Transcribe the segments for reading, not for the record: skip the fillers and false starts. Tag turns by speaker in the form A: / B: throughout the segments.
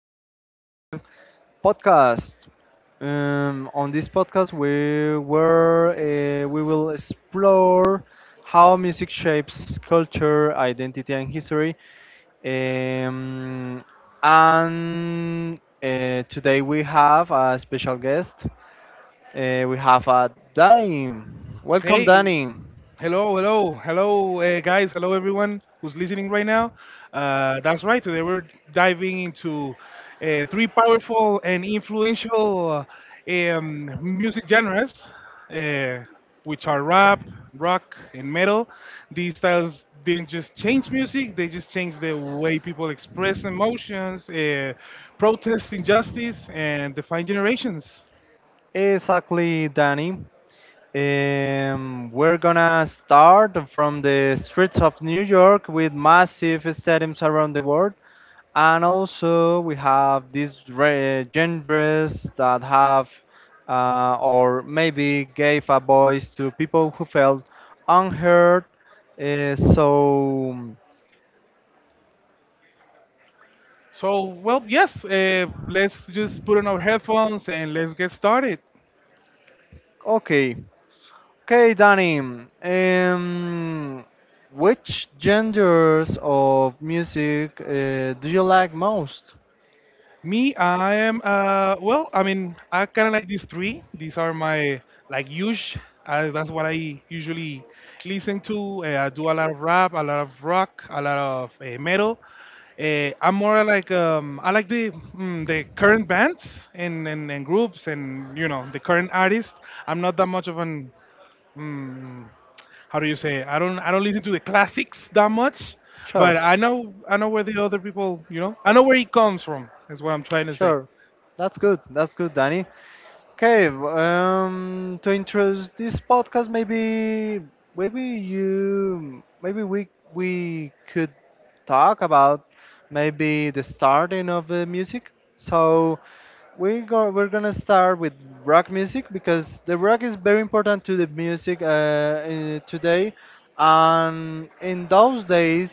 A: back to the podcast. On this podcast, we will explore how music shapes culture, identity, and history. Um, and Today we have a special guest. We have Danny. Welcome,
B: Hey,
A: Danny.
B: hello, hello, hello, guys, hello, everyone who's listening right now. That's right, today we're diving into three powerful and influential music genres, uh, which are rap, rock, and metal. These styles didn't just change music, they just changed the way people express emotions, protest injustice, and define generations.
A: Exactly, Danny. We're gonna start from the streets of New York with massive stadiums around the world, and also we have genres that have or maybe gave a voice to people who felt unheard. Uh, so,
B: Yes, let's just put on our headphones and let's get started.
A: okay, okay, Danny. Um, which genres of music do you like most?
B: Me, I am, well, I mean, I kind of like these three. These are my, like, huge. That's what I usually listen to. I do a lot of rap, a lot of rock, a lot of metal. I'm more like, I like the current bands and groups and, the current artists. I'm not that much of an mm, how do you say? I don't listen to the classics that much,
A: But,
B: but I know where the other people, I know where he comes from. Is what I'm trying
A: like,
B: to say.
A: sure. That's good. That's good, Danny. Okay, to introduce this podcast, maybe we could talk about maybe the starting of the music. So we're gonna start with rock music because the rock is very important to the music today, and in those days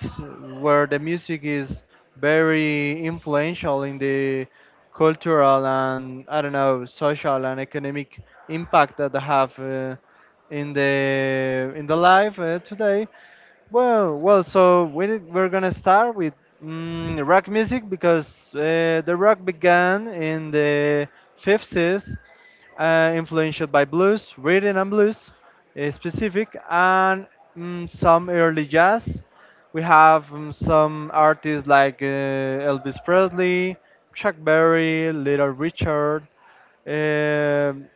A: where the music is very influential in the cultural and, I don't know, social and economic impact that they have in the life today. We're gonna start with rock music because the rock began in the 50s, influenced by blues, rhythm and blues, and some early jazz. We have some artists like Elvis Presley, Chuck Berry, Little Richard, um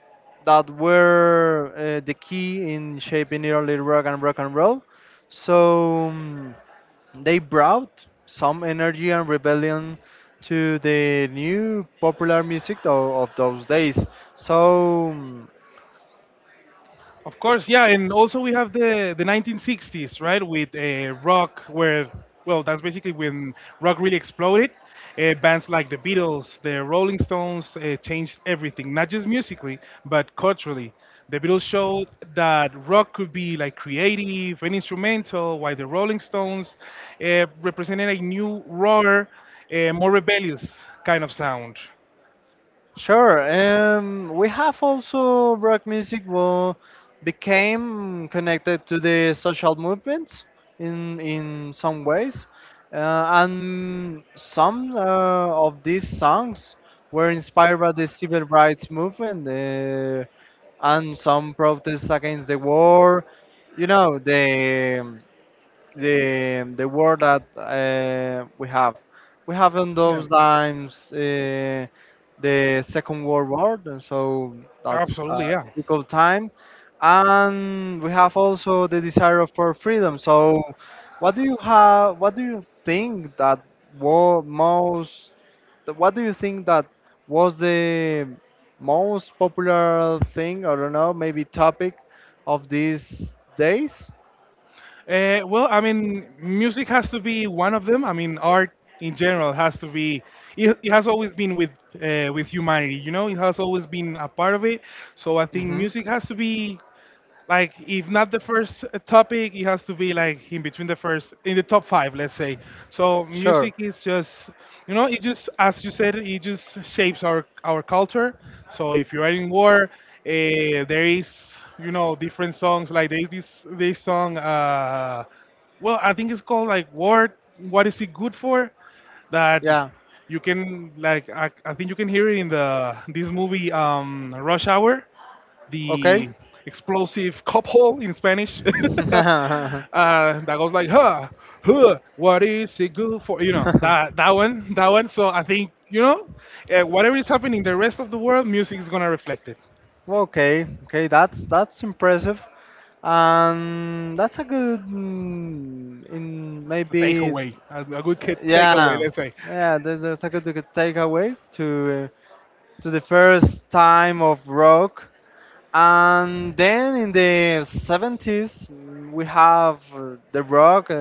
A: that were the key in shaping early rock and rock and roll. So um, they brought some energy and rebellion to the new popular music of those days. So um,
B: Of course, yeah, and also we have the 1960s, right, with rock, where well, that's basically when rock really exploded. Bands like the Beatles, the Rolling Stones changed everything, not just musically, but culturally. The Beatles showed that rock could be like creative and instrumental, while the Rolling Stones represented a new, rawer, more rebellious kind of sound.
A: Sure. We have also rock music will became connected to the social movements in some ways, uh, and some of these songs were inspired by the civil rights movement, and some protests against the war. You know the world that we have. We have in
B: Yeah.
A: those times, the Second World War, and so that's a
B: Absolutely, yeah.
A: difficult time. And we have also the desire for freedom. So, what do you have? What do you think that was most? What do you think that was the most popular thing? I don't know, maybe topic of these days.
B: Music has to be one of them. I mean, art in general has to be. It has always been with humanity, you know. It has always been a part of it. So I think music has to be like, if not the first topic, it has to be like in between the first in the top five, let's say. So music is just, you know, it just, as you said, it just shapes our culture. So if you are in war, there is, you know, different songs. Like there is this song, I think it's called like "War, what is it good for," that
A: Yeah.
B: you can, like, I think you can hear it in the this movie, Rush Hour,
A: Okay.
B: the explosive cup hole in Spanish that goes like, "Huh, huh, what is it good for," you know, that that one, that one. So I think, you know, whatever is happening in the rest of the world, music is gonna reflect it.
A: Okay. Okay. That's impressive. And that's a good, mm, in
B: It's a
A: maybe
B: takeaway, a good takeaway,
A: yeah,
B: let's say.
A: yeah, that, that's a good, good takeaway to to the first time of rock. And then in the 70s, we have the rock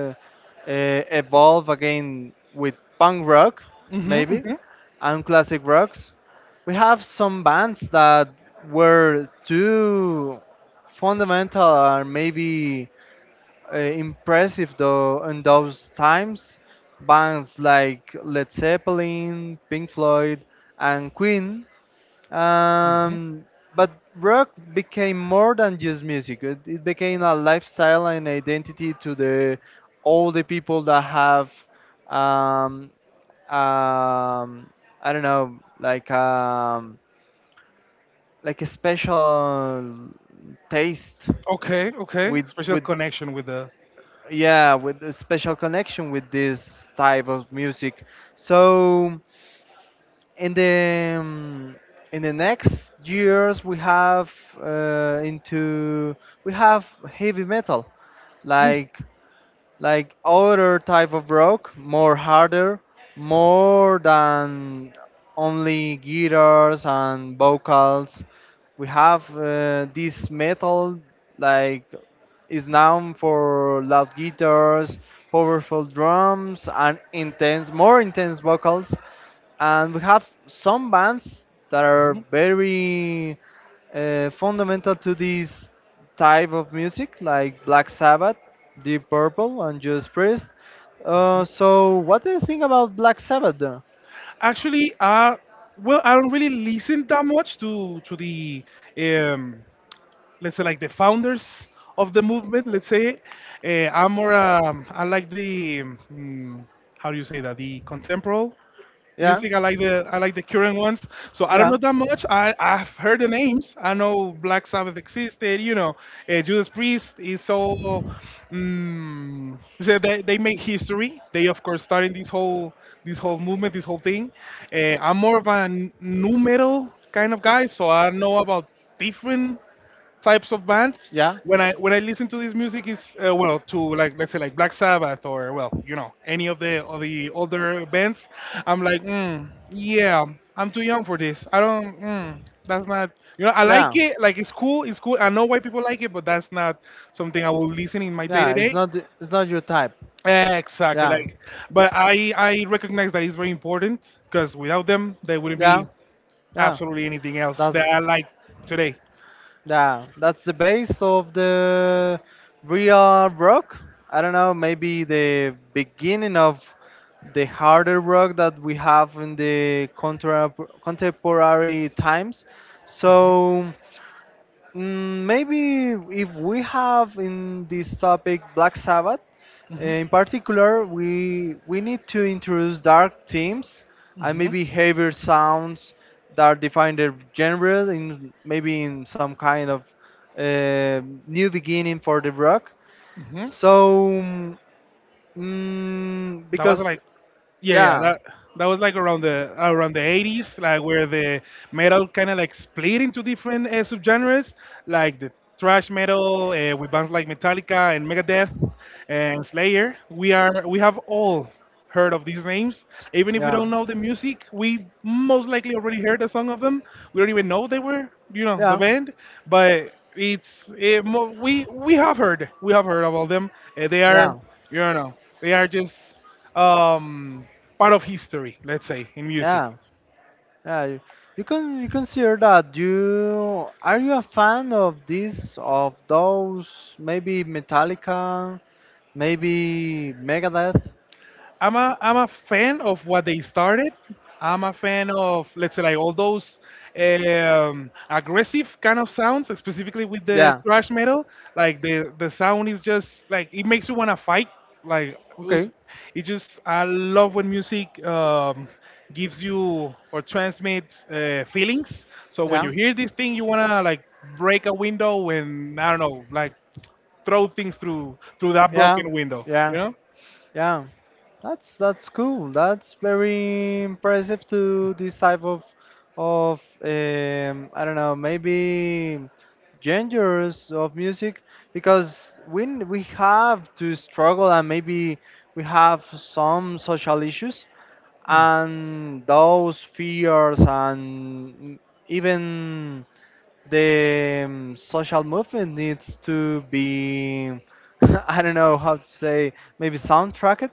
A: uh, evolve again with punk rock,
B: Hmm,
A: maybe,
B: hmm.
A: and classic rocks. We have some bands that were too fundamental or maybe impressive though in those times. Bands like Led Zeppelin, Pink Floyd, and Queen
B: Hmm.
A: um, but rock became more than just music. It became a lifestyle and identity to the all the people that have, um, um, I don't know, like like a special taste
B: Okay, okay,
A: with
B: special
A: with
B: connection with the—
A: yeah, with a special connection with this type of music. So in the next years we have into we have heavy metal, like like other type of rock, more harder, more than only guitars and vocals. We have this metal, like, is known for loud guitars, powerful drums, and intense, more intense vocals. And we have some bands that are very fundamental to this type of music, like Black Sabbath, Deep Purple, and Judas Priest. So, what do you think about Black Sabbath? Though?
B: Actually, I don't really listen that much to the um, let's say, like, the founders of the movement, let's say. I'm more, I like the mm, how do you say that, the contemporary
A: Yeah,
B: music. I like the, I like the current ones. So I don't
A: yeah,
B: know that much.
A: yeah.
B: I've heard the names. I know Black Sabbath existed, you know. Judas Priest is so, so they make history. They of course starting this whole, this whole movement, this whole thing. I'm more of a nu metal kind of guy, so I know about different types of bands. When I listen to this music, is to, like, let's say like Black Sabbath, or, well, you know, any of the, of the older bands, I'm like, yeah, I'm too young for this. I don't, that's not, you know, I
A: Yeah,
B: like it, like, it's cool, it's cool, I know why people like it, but that's not something I will listen in my day to
A: yeah. It's
B: day.
A: not, it's not your type.
B: Exactly,
A: Yeah,
B: like, but I recognize that it's very important, because without them there wouldn't
A: yeah,
B: be
A: yeah.
B: absolutely anything else
A: That's
B: that I like today.
A: Yeah, that's the base of the real rock. I don't know, maybe the beginning of the harder rock that we have in the contemporary times. So Maybe if we have in this topic Black Sabbath, in particular, we need to introduce dark themes and maybe heavier sounds that define their genre in maybe in some kind of uh, new beginning for the rock.
B: Mhm.
A: So mm,
B: That was
A: because
B: like, yeah, yeah.
A: yeah,
B: That that was like around the 80s, like where the metal kind of like split into different subgenres, like the thrash metal with bands like Metallica and Megadeth and Slayer. We have all heard of these names, even if we don't know the music. We most likely already heard a song of them. We don't even know they were, you know, the band, but. It's eh, mo we have heard, we have heard of all them. They
A: they.
B: are, you know, they are just, um, part of history, let's say, in music.
A: Yeah. Yeah, you can you consider that. You are you a fan of this of those maybe Metallica, maybe Megadeth?
B: I'm a, I'm a fan of what they started. I'm a fan of, let's say, like all those aggressive kind of sounds, specifically with the
A: Yeah.
B: thrash metal. Like, the sound is just like, it makes you wanna fight. Like it was-
A: Okay.
B: it just, I love when music gives you or transmits feelings. So when you
A: Yeah.
B: hear this thing, you wanna like break a window and, I don't know, like throw things through that
A: Yeah,
B: broken window. You
A: yeah,
B: know?
A: yeah. That's cool. That's very impressive to this type of I don't know, maybe genres of music because we have to struggle and maybe we have some social issues and those fears and even the social movement needs to be I don't know how to say, maybe soundtracked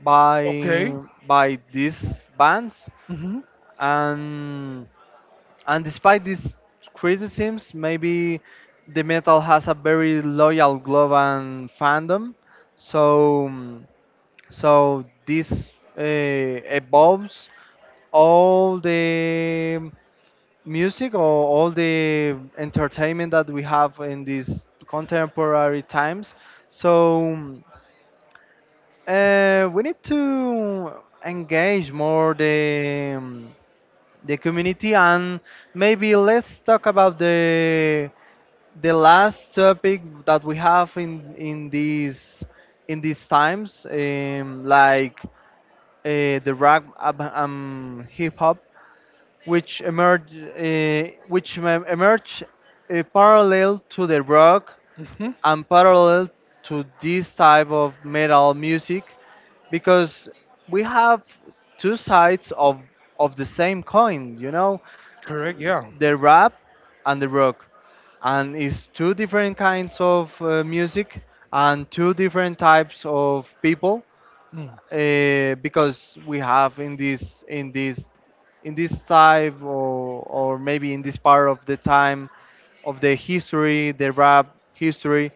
A: by
B: Okay.
A: by these bands
B: Mm-hmm.
A: and and despite these criticisms, maybe the metal has a very loyal global fandom. So um, so this uh, evolves all the music or all the entertainment that we have in these contemporary times. So we need to engage more the community and maybe let's talk about the last topic that we have in these in these times, like hip hop, which emerge parallel to the rock
B: Mm-hmm.
A: and parallel to this type of metal music, because we have two sides of the same coin, you know,
B: Correct. Yeah.
A: the rap and the rock, and it's two different kinds of music and two different types of people,
B: Mm.
A: because we have in this in this in this type, or maybe in this part of the time of the history, the rap history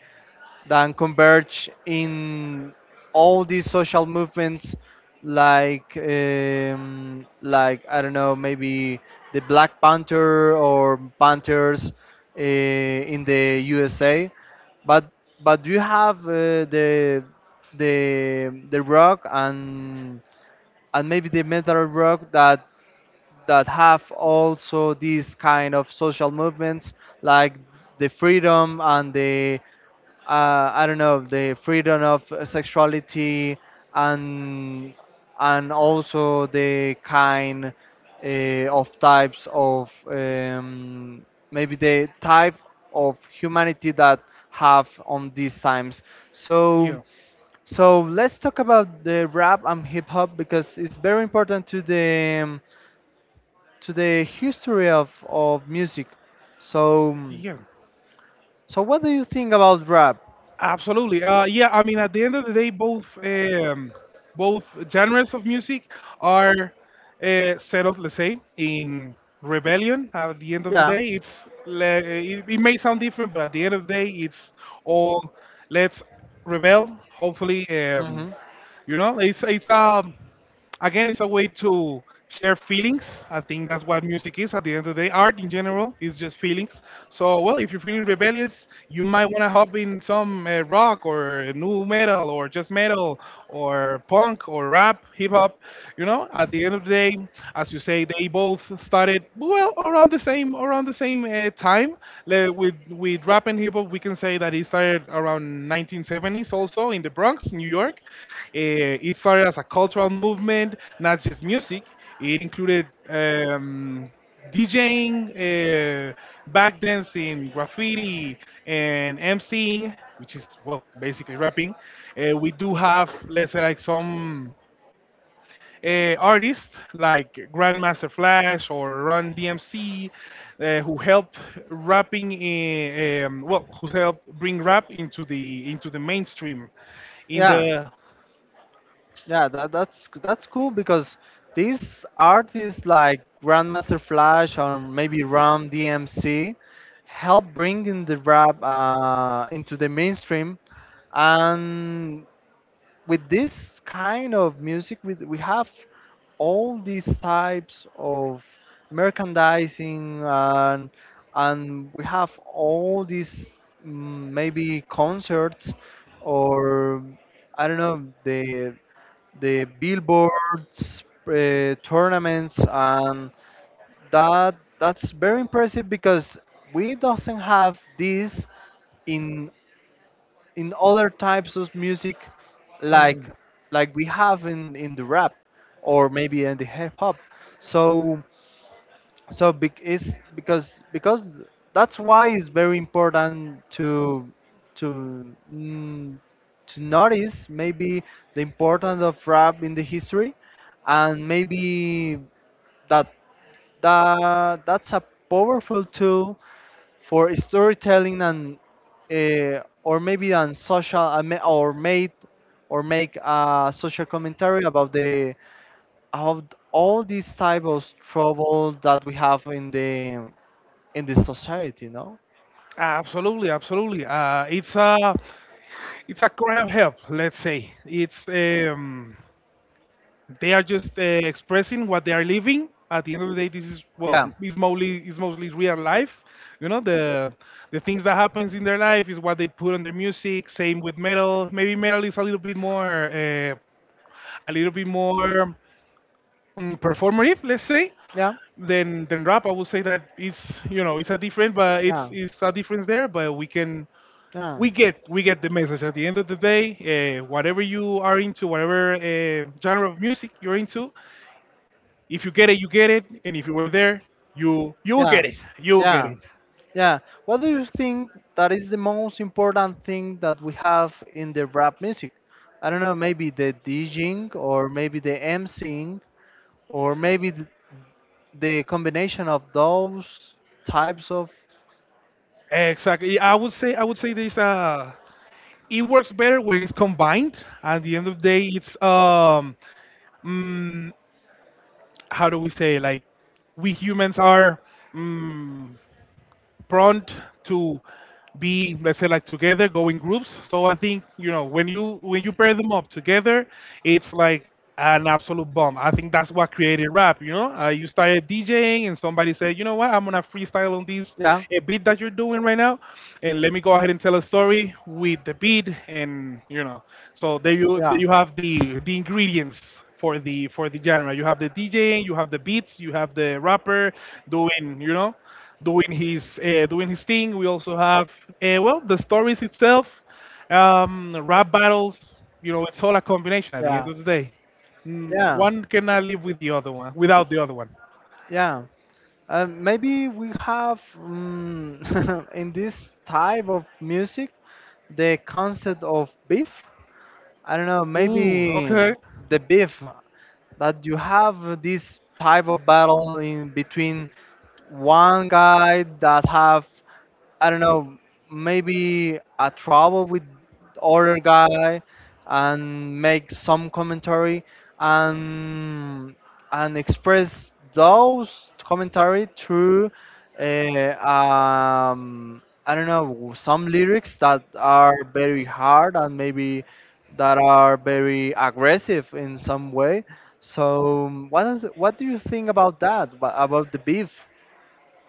A: that converge in all these social movements, like like, I don't know, maybe the Black Panther or Panthers in the USA, but but you have the rock and maybe the metal rock that that have also these kind of social movements, like the freedom and the I don't know, the freedom of sexuality and and also the kind uh, of types of maybe the type of humanity that have on these times. So,
B: Yeah.
A: so let's talk about the rap and hip hop because it's very important to the history of music. So,
B: Yeah.
A: so what do you think about rap?
B: Absolutely. Yeah, I mean, at the end of the day, both both genres of music are set up, let's say, in rebellion. At the end of the
A: Yeah.
B: day, it may sound different, but at the end of the day, it's all, let's rebel. Hopefully,
A: Mm-hmm.
B: you know, it's a, again, it's a way to share feelings. I think that's what music is at the end of the day. Art in general is just feelings. So, well, if you're feeling rebellious, you might want to hop in some rock or new metal or just metal or punk or rap, hip hop. You know, at the end of the day, as you say, they both started, well, around the same, around the same time. With rap and hip hop, we can say that it started around 1970s, also in the Bronx, New York. Eh, it started as a cultural movement, not just music. It included, DJing, back dancing, graffiti, and MCing, which is, well, basically rapping. We do have, let's say, like, some artists like Grandmaster Flash or Run DMC, who helped rapping, in, well, who helped bring rap into the mainstream in
A: Yeah,
B: the—
A: yeah, that, that's cool, because these artists like Grandmaster Flash or maybe Ram DMC help bringing the rap into the mainstream, and with this kind of music with we have all these types of merchandising and we have all these maybe concerts or, I don't know, the billboards, tournaments, and that, that's very impressive because we doesn't have this in in other types of music
B: Mm.
A: like like we have in the rap or maybe in the hip hop, so so bec- is because that's why it's very important to to notice maybe the importance of rap in the history, and maybe that, that that's a powerful tool for storytelling and or maybe on social ma- or made or make a social commentary about the of all these type of trouble that we have in the society, no?
B: Absolutely, absolutely. It's a, it's a cry of help, let's say. It's, they are just expressing what they are living. At the end of the day, this is, well,
A: Yeah.
B: yeah, it's mostly, it's mostly real life. You know, the things that happens in their life is what they put on their music. Same with metal. Maybe metal is a little bit more, a little bit more, performative, let's say,
A: Yeah.
B: than rap. I would say that it's, you know, it's a different, but it's
A: Yeah.
B: it's a difference there. But we can,
A: Yeah.
B: we get the message at the end of the day. Whatever you are into, whatever genre of music you're into, if you get it, you get it, and if you were there, you will get
A: Yeah.
B: it. You will get
A: Yeah.
B: it.
A: Yeah. What do you think that is the most important thing that we have in the rap music? I don't know, maybe the DJing or maybe the MCing or maybe the combination of those types of.
B: Exactly. I would say this. It works better when it's combined. At the end of the day, it's, mm, how do we say, like, we humans are, mm, prone to be, let's say, like, together, go in groups. So I think, you know, when you pair them up together, it's like an absolute bomb. I think that's what created rap, you know. Uh, you started DJing and somebody said, you know what, I'm gonna freestyle on this
A: Yeah.
B: beat that you're doing right now, and let me go ahead and tell a story with the beat. And, you know, so there
A: Yeah.
B: you have the ingredients for the, for the genre. You have the DJing, you have the beats, you have the rapper doing, you know, doing his thing. We also have, well, the stories itself, rap battles. You know, it's all a combination at the end
A: Yeah.
B: of the day. Mm,
A: Yeah.
B: one cannot live with the other one, without the other one.
A: Yeah. Maybe we have in this type of music the concept of beef. I don't know,
B: Ooh,
A: maybe
B: okay.
A: the beef that you have this type of battle in between one guy that have, I don't know, maybe a trouble with other guy, and make some commentary and and express those commentary through I don't know, some lyrics that are very hard and maybe that are very aggressive in some way. So, what is, what do you think about that? About the beef?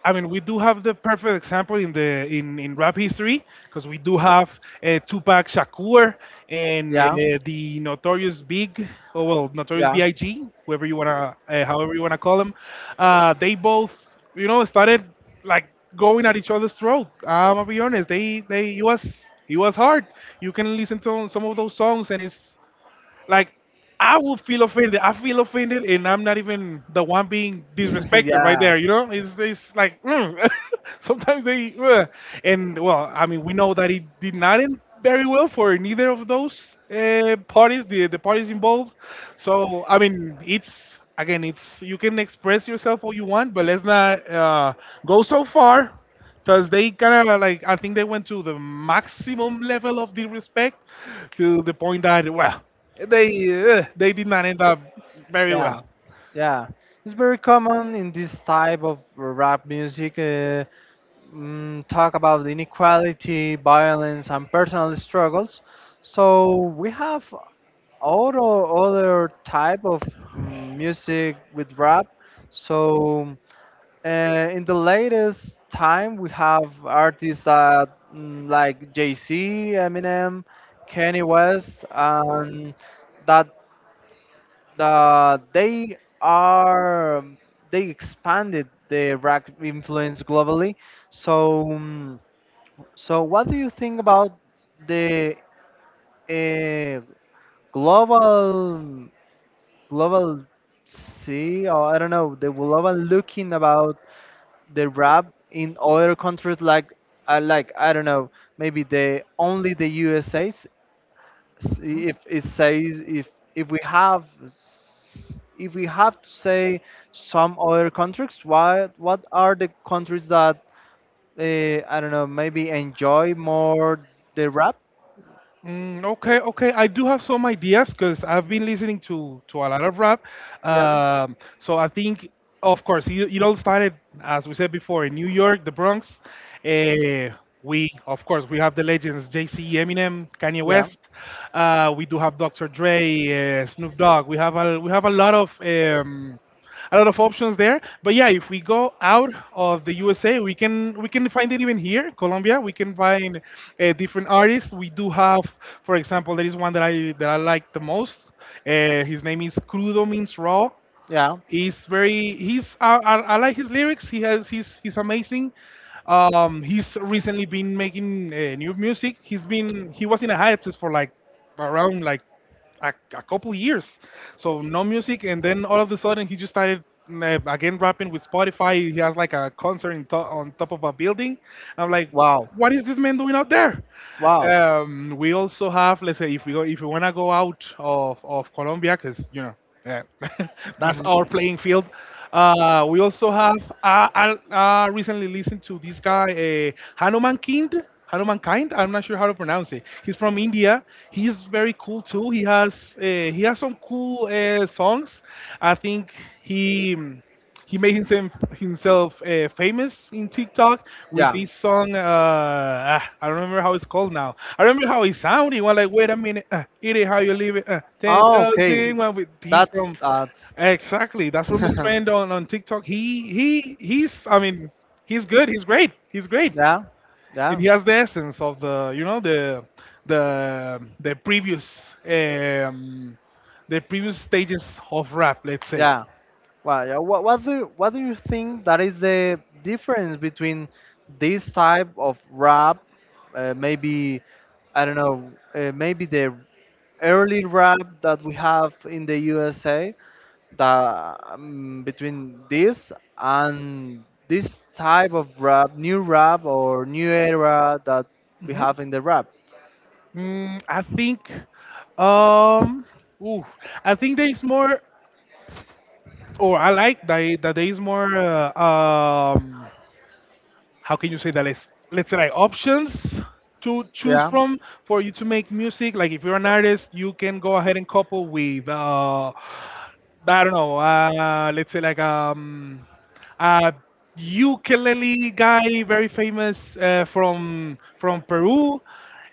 B: I mean, we do have the perfect example in the, in rap history, because we do have Tupac Shakur, and
A: Yeah.
B: the Notorious Big, or, well, Notorious
A: Yeah.
B: B.I.G., whoever you wanna, however you wanna call them. They both, you know, started, like, going at each other's throat. I'm gonna be honest. They it was, it was hard. You can listen to some of those songs, and it's like, I will feel offended. I feel offended, and I'm not even the one being disrespected right
A: Yeah.
B: there. You know, it's like, mm. Sometimes they, and, well, I mean, we know that it did not end very well for neither of those parties, the parties involved. So I mean, it's again, it's you can express yourself all you want, but let's not go so far because they kind of like I think they went to the maximum level of disrespect to the point that they they did not end up very well.
A: Yeah, yeah. It's very common in this type of rap music. Talk about inequality, violence, and personal struggles. So we have all other type of music with rap. So in the latest time, we have artists that, like Jay Z, Eminem, Kanye West, and that they are they expanded the rap influence globally. So so what do you think about the uh, global global see, or I don't know, the global looking about the rap in other countries, like I, like I don't know, maybe the only the USA's A's.
B: Mhm.
A: If it says if we have if we have to say some other countries, why, what are the countries that I don't know, maybe enjoy more the rap.
B: Mm, okay, okay. I do have some ideas because I've been listening to a lot of rap. So I think, of course, it all started, as we said before, in New York, the Bronx. Uh, we, of course, we have the legends Jay-Z, Eminem, Kanye West. We do have Dr. Dre, Snoop Dogg. We have a lot of options there. But yeah, if we go out of the USA, we can find it even here, Colombia. We can find different artists. We do have, for example, there is one that I like the most. His name is Crudo, means raw.
A: Yeah.
B: He's very he's I, I like his lyrics. He's amazing. He's recently been making new music. He was in a hiatus for like around like a couple years, so no music, and then all of a sudden he just started again rapping with Spotify. He has like a concert on top of a building. I'm like,
A: Wow.
B: what is this man doing out there?
A: Wow.
B: We also have, let's say, if we want to go out of Colombia, because, you know, yeah, that's
A: Hmm.
B: our playing field. We also have. I recently listened to this guy, Hanuman Kind. Hanuman Kind. I'm not sure how to pronounce it. He's from India. He's very cool too. He has some cool songs. I think he he made himself famous in TikTok with
A: Yeah.
B: this song. Ah, I don't remember how it's called now. I remember how it sounded. It was like, wait a minute, eat it is how you leave it. Ten
A: Oh, okay.
B: thousand. Well, with he's
A: That's,
B: from,
A: that's.
B: exactly. That's from the trend on TikTok. He he's. I mean, he's good. He's great. He's great,
A: Yeah,
B: and
A: yeah.
B: he has the essence of the, you know, the the previous um the previous stages of rap. Let's say.
A: Yeah. Well, yeah. What do you think that is the difference between this type of rap, maybe I don't know, maybe the early rap that we have in the USA, that between this and this type of rap, new rap or new era that we
B: Hmm.
A: have in the rap.
B: Mm, I think, um, ooh, I think there is more, or I like that, there is more. How can you say that? Let's say like options to choose
A: Yeah.
B: from for you to make music. Like if you're an artist, you can go ahead and couple with I don't know. Let's say like a ukulele guy, very famous from Peru,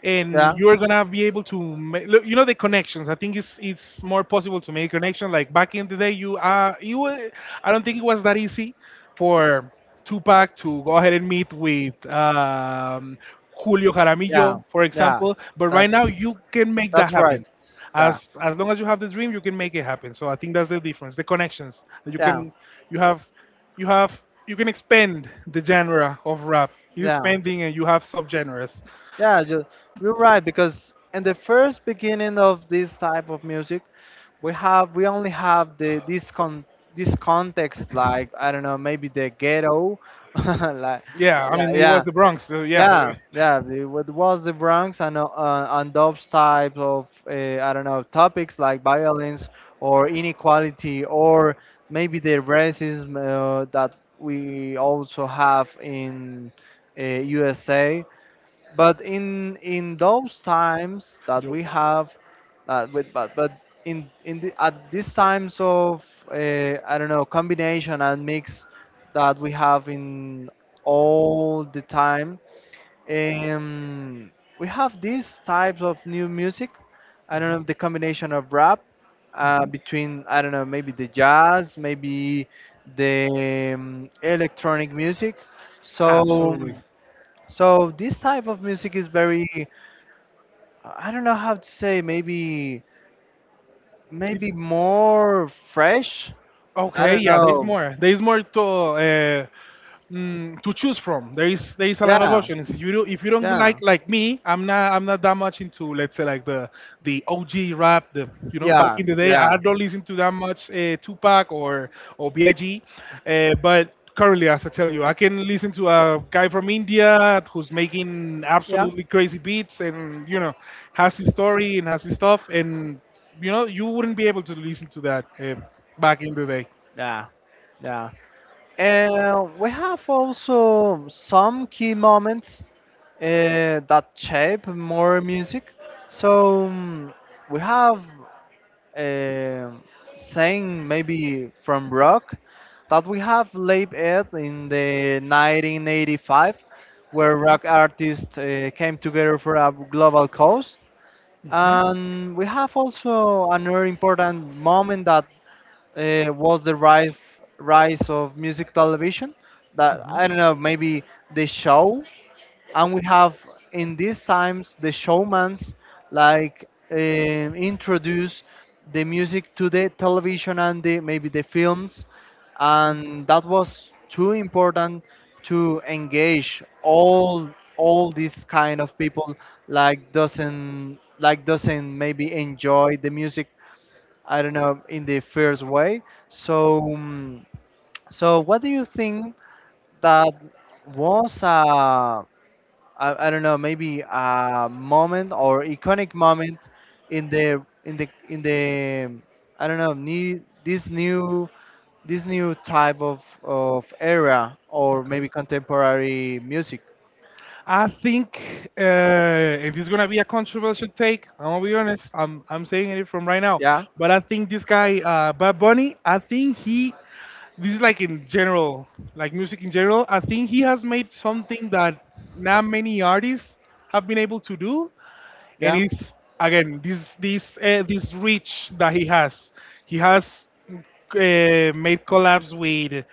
B: and
A: Yeah.
B: you're gonna be able to make, look, you know, the connections. I think it's more possible to make connection. Like back in the day, I don't think it was that easy for Tupac to go ahead and meet with Julio
A: Yeah.
B: Jaramillo, for
A: Yeah.
B: example. But right now,
A: That's
B: you can make that
A: that's right.
B: happen
A: Yeah.
B: as long as you have the dream, you can make it happen. So I think that's the difference, the connections you
A: Yeah.
B: can, you have, you have you can expand the genre of rap, you are
A: Yeah.
B: expanding and you have subgenres.
A: Yeah. You're right because in the first beginning of this type of music, we only have the this context, like, I don't know, maybe the ghetto, like,
B: Yeah, I
A: like,
B: mean, it
A: yeah.
B: was the Bronx, so yeah.
A: Yeah, yeah. It What was the Bronx and those type of I don't know, topics like violence or inequality or maybe the racism, that we also have in USA. But in those times that
B: You-
A: we have, with but in the, at these times of, I don't know, combination and mix that we have in all the time, um, we have these types of new music. I don't know, the combination of rap, between, I don't know, maybe the jazz, maybe the electronic music. So
B: absolutely
A: so this type of music is very, I don't know how to say, maybe
B: it's
A: maybe more fresh. I
B: okay,
A: don't
B: yeah.
A: know.
B: There's more to to choose from. There is a lot of
A: Yeah,
B: options. You do, if you don't like
A: yeah.
B: like me, I'm not that much into, let's say, like the OG rap. The, you know. Yeah. Back
A: Yeah,
B: in the day,
A: yeah.
B: I don't listen to that much Tupac or Big. But currently, as I tell you, I can listen to a guy from India who's making
A: Yeah.
B: absolutely crazy beats, and, you know, has his story and has his stuff, and, you know, you wouldn't be able to listen to that back in the day.
A: Yeah. Yeah. And we have also some key moments that shape more music. So, we have, uh, saying maybe from rock that we have lived it in the 1985, where rock artists came together for a global cause. And we have also another important moment that was the rise of music television. That, I don't know, maybe the show, and we have in these times the showmans like introduce the music to the television and the, maybe the films, and that was too important to engage all these kind of people, like doesn't maybe enjoy the music, I don't know, in the first way. So, so what do you think that was a, I don't know, maybe a moment or iconic moment in the in the I don't know, new, this new this new type of era, or maybe
B: Okay.
A: contemporary music?
B: I think it is going to be a controversial take. I'm gonna be honest. I'm saying it from right now,
A: Yeah.
B: but I think this guy, Bad Bunny, this is like in general, like music in general. I think he has made something that not many artists have been able to do, and
A: Yeah.
B: it's again this reach that he has. He has made collabs with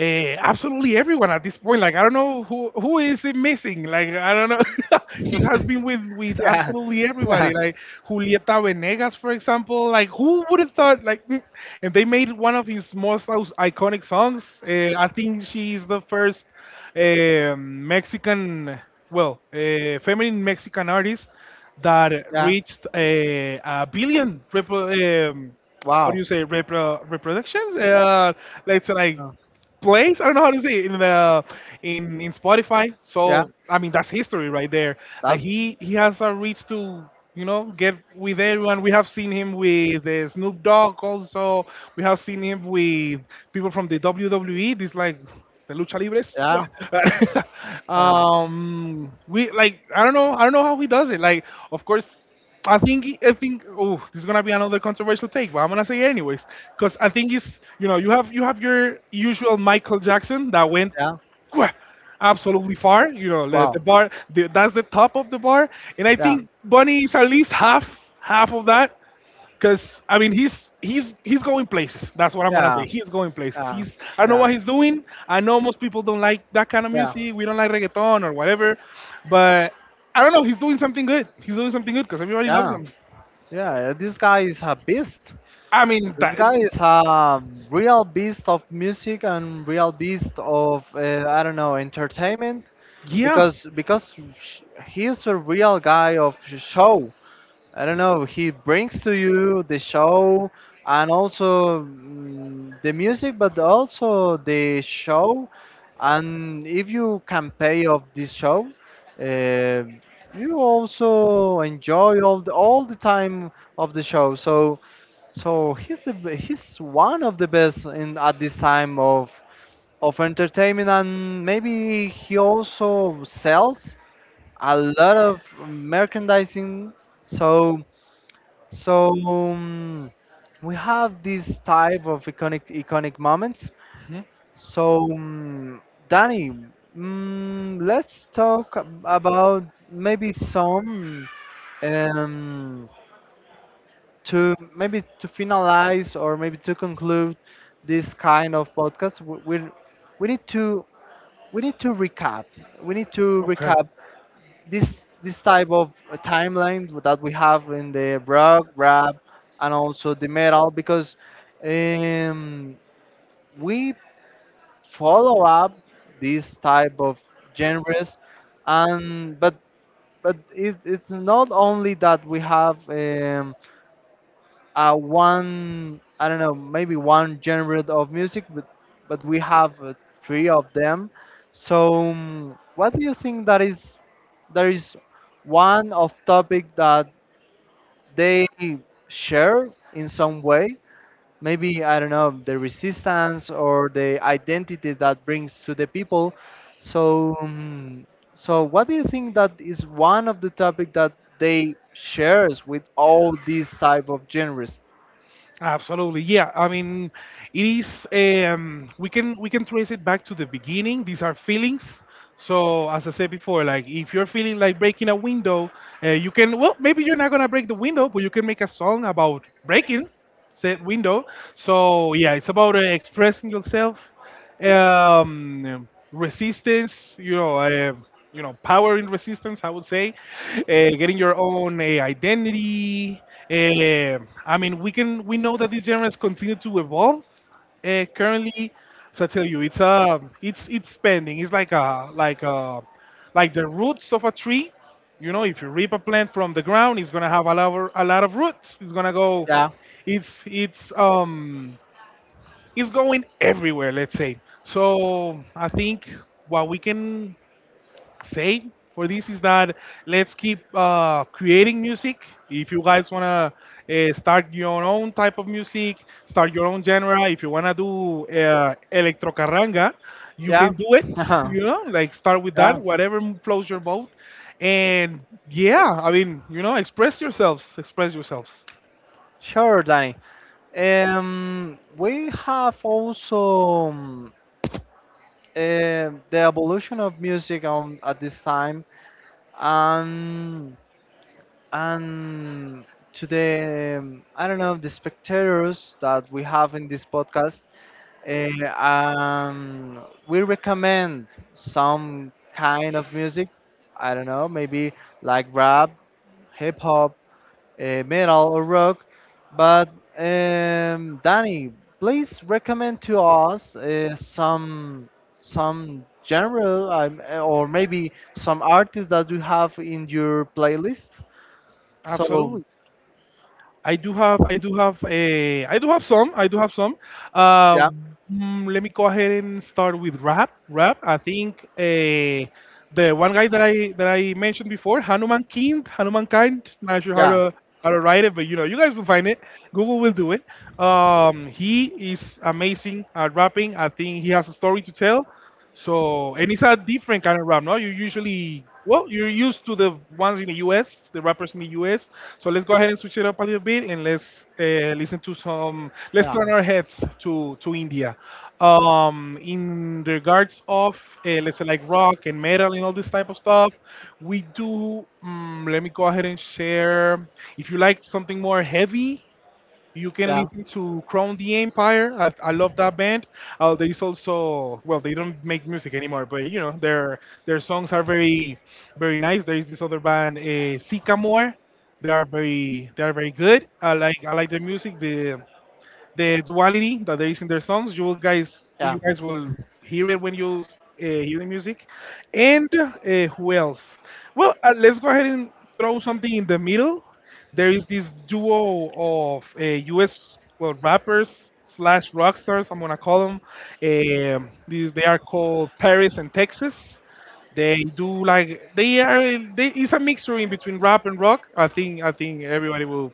B: absolutely everyone at this point. Like I don't know who is it missing. Like I don't know. He has been with
A: Yeah.
B: absolutely
A: Yeah.
B: everybody. Like Julieta Venegas, for example. Like who would have thought? Like and they made one of his most iconic songs. I think she's the first Mexican, well, feminine Mexican artist that
A: Yeah.
B: reached a billion how do
A: Wow.
B: you say reproductions? Let's say like
A: Ờ.
B: place. I don't know how to say it, in Spotify.
A: Yeah.
B: So I mean that's history right there. Like
A: That.
B: he has a reach to, you know, get with everyone. We have seen him with Snoop Dogg also. We have seen him with people from the WWE. This like the lucha libres.
A: Yeah. Yeah.
B: We like I don't know, how he does it. Like of course. I think, oh, this is gonna be another controversial take, but I'm gonna say it anyways because I think it's, you know, you have, your usual Michael Jackson that went
A: Yeah.
B: wha- absolutely far. You know, like the
A: Wow.
B: bar, that's the top of the bar, and I
A: Yeah.
B: think Bunny is at least half, of that. Because I mean, he's going places. That's what I'm gonna say.
A: Yeah.
B: He's going places.
A: Yeah.
B: He's, I don't know
A: Yeah.
B: what he's doing. I know most people don't like that kind of
A: Yeah.
B: music. We don't like reggaeton or whatever, but I don't know. He's doing something good. He's doing something good because everybody loves
A: Yeah.
B: him.
A: Yeah, this guy is a beast.
B: I mean,
A: This
B: that,
A: guy is a real beast of music and real beast of, I don't know, entertainment,
B: yeah.
A: because he is a real guy of show. I don't know. He brings to you the show and also, the music, but also the show. And if you can pay off this show, uh, you also enjoy all the time of the show. So so he's the, he's one of the best in at this time of entertainment, and maybe he also sells a lot of merchandising. So so we have this type of iconic moments. So, Danny, let's talk about maybe some, um, to maybe to finalize or maybe to conclude this kind of podcast. We need to we need to recap. We need to
B: Okay.
A: recap this this type of timeline that we have in the rock, rap, and also the metal, because um, we follow up these type of genres. And but it, it's not only that we have, a one, I don't know, maybe one genre of music, but we have three of them. So what do you think that is, there is one of topic that they share in some way, maybe, I don't know, the resistance or the identity that brings to the people. So, so what do you think that is one of the topic that they shares with all these type of genres?
B: Absolutely, yeah. I mean, it is. We can trace it back to the beginning. These are feelings. So as I said before, like if you're feeling like breaking a window, you can. Well, maybe you're not gonna break the window, but you can make a song about breaking said window. So yeah, it's about expressing yourself, resistance, you know, power in resistance, I would say, getting your own identity. Uh, I mean, we know that these genres continue to evolve. Currently, so I tell you, it's it's spending. It's like a, like the roots of a tree. You know, if you rip a plant from the ground, it's gonna have a lot of roots. It's gonna go.
A: Yeah.
B: It's it's um it's going everywhere, let's say. So I think what we can say for this is that, let's keep creating music. If you guys wanna start your own type of music, start your own genre. If you wanna do electro carranga, you
A: Yeah.
B: can do it. You know, like start with that,
A: Yeah.
B: whatever flows your boat. And yeah, I mean, you know, express yourselves, express yourselves.
A: Sure, Danny. We have also, the evolution of music on, at this time, and and to the, I don't know, the spectators that we have in this podcast. We recommend some kind of music. I don't know, maybe like rap, hip hop, metal, or rock. But Danny, please recommend to us some genre, or maybe some artists that you have in your playlist. So
B: Absolutely. I do have, a, I do have some, I do have some.
A: yeah.
B: Uh, Let me go ahead and start with rap. Rap. I think the one guy that I mentioned before, Hanuman King, Hanuman Kind. Not sure how
A: Yeah.
B: to write it, but you know, you guys will find it. Google will do it. He is amazing at rapping. I think he has a story to tell. So, and it's a different kind of rap, no? You usually, well, you're used to the ones in the US, the rappers in the US. So let's go ahead and switch it up a little bit and let's listen to some, let's
A: Yeah.
B: turn our heads to India. In regards of, let's say, like rock and metal and all this type of stuff, we do, let me go ahead and share. If you like something more heavy, you can
A: Yeah.
B: listen to Crown the Empire. I love that band. There is also, well, they don't make music anymore, but you know, their songs are very nice. There is this other band, Sycamore. They are very good. I like their music. The duality that there is in their songs.
A: Yeah.
B: You guys will hear it when you hear the music. And who else? Well, let's go ahead and throw something in the middle. There is this duo of U.S., well, rappers slash rock stars, I'm gonna call them. These, they are called Paris and Texas. They do like they are. In- They, it's a mixture in between rap and rock. I think everybody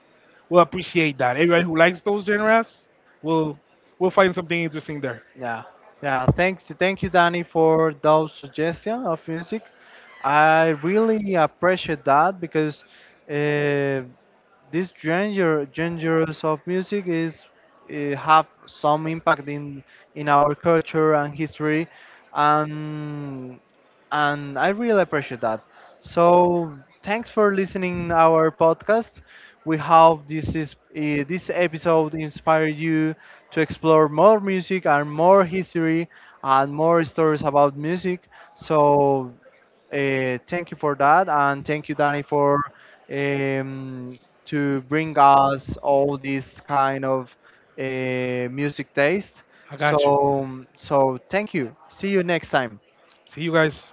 B: will appreciate that. Everybody who likes those genres will find something interesting there.
A: Yeah, yeah. Thanks, thank you, Danny, for those suggestions of music. I really appreciate that, because uh, this genres of music is have some impact in our culture and history, and and I really appreciate that. So thanks for listening our podcast. We hope this is this episode inspired you to explore more music and more history and more stories about music. So thank you for that, and thank you, Danny, for um, to bring us all this kind of music taste.
B: I got you.
A: So thank you. See you next time.
B: See you guys.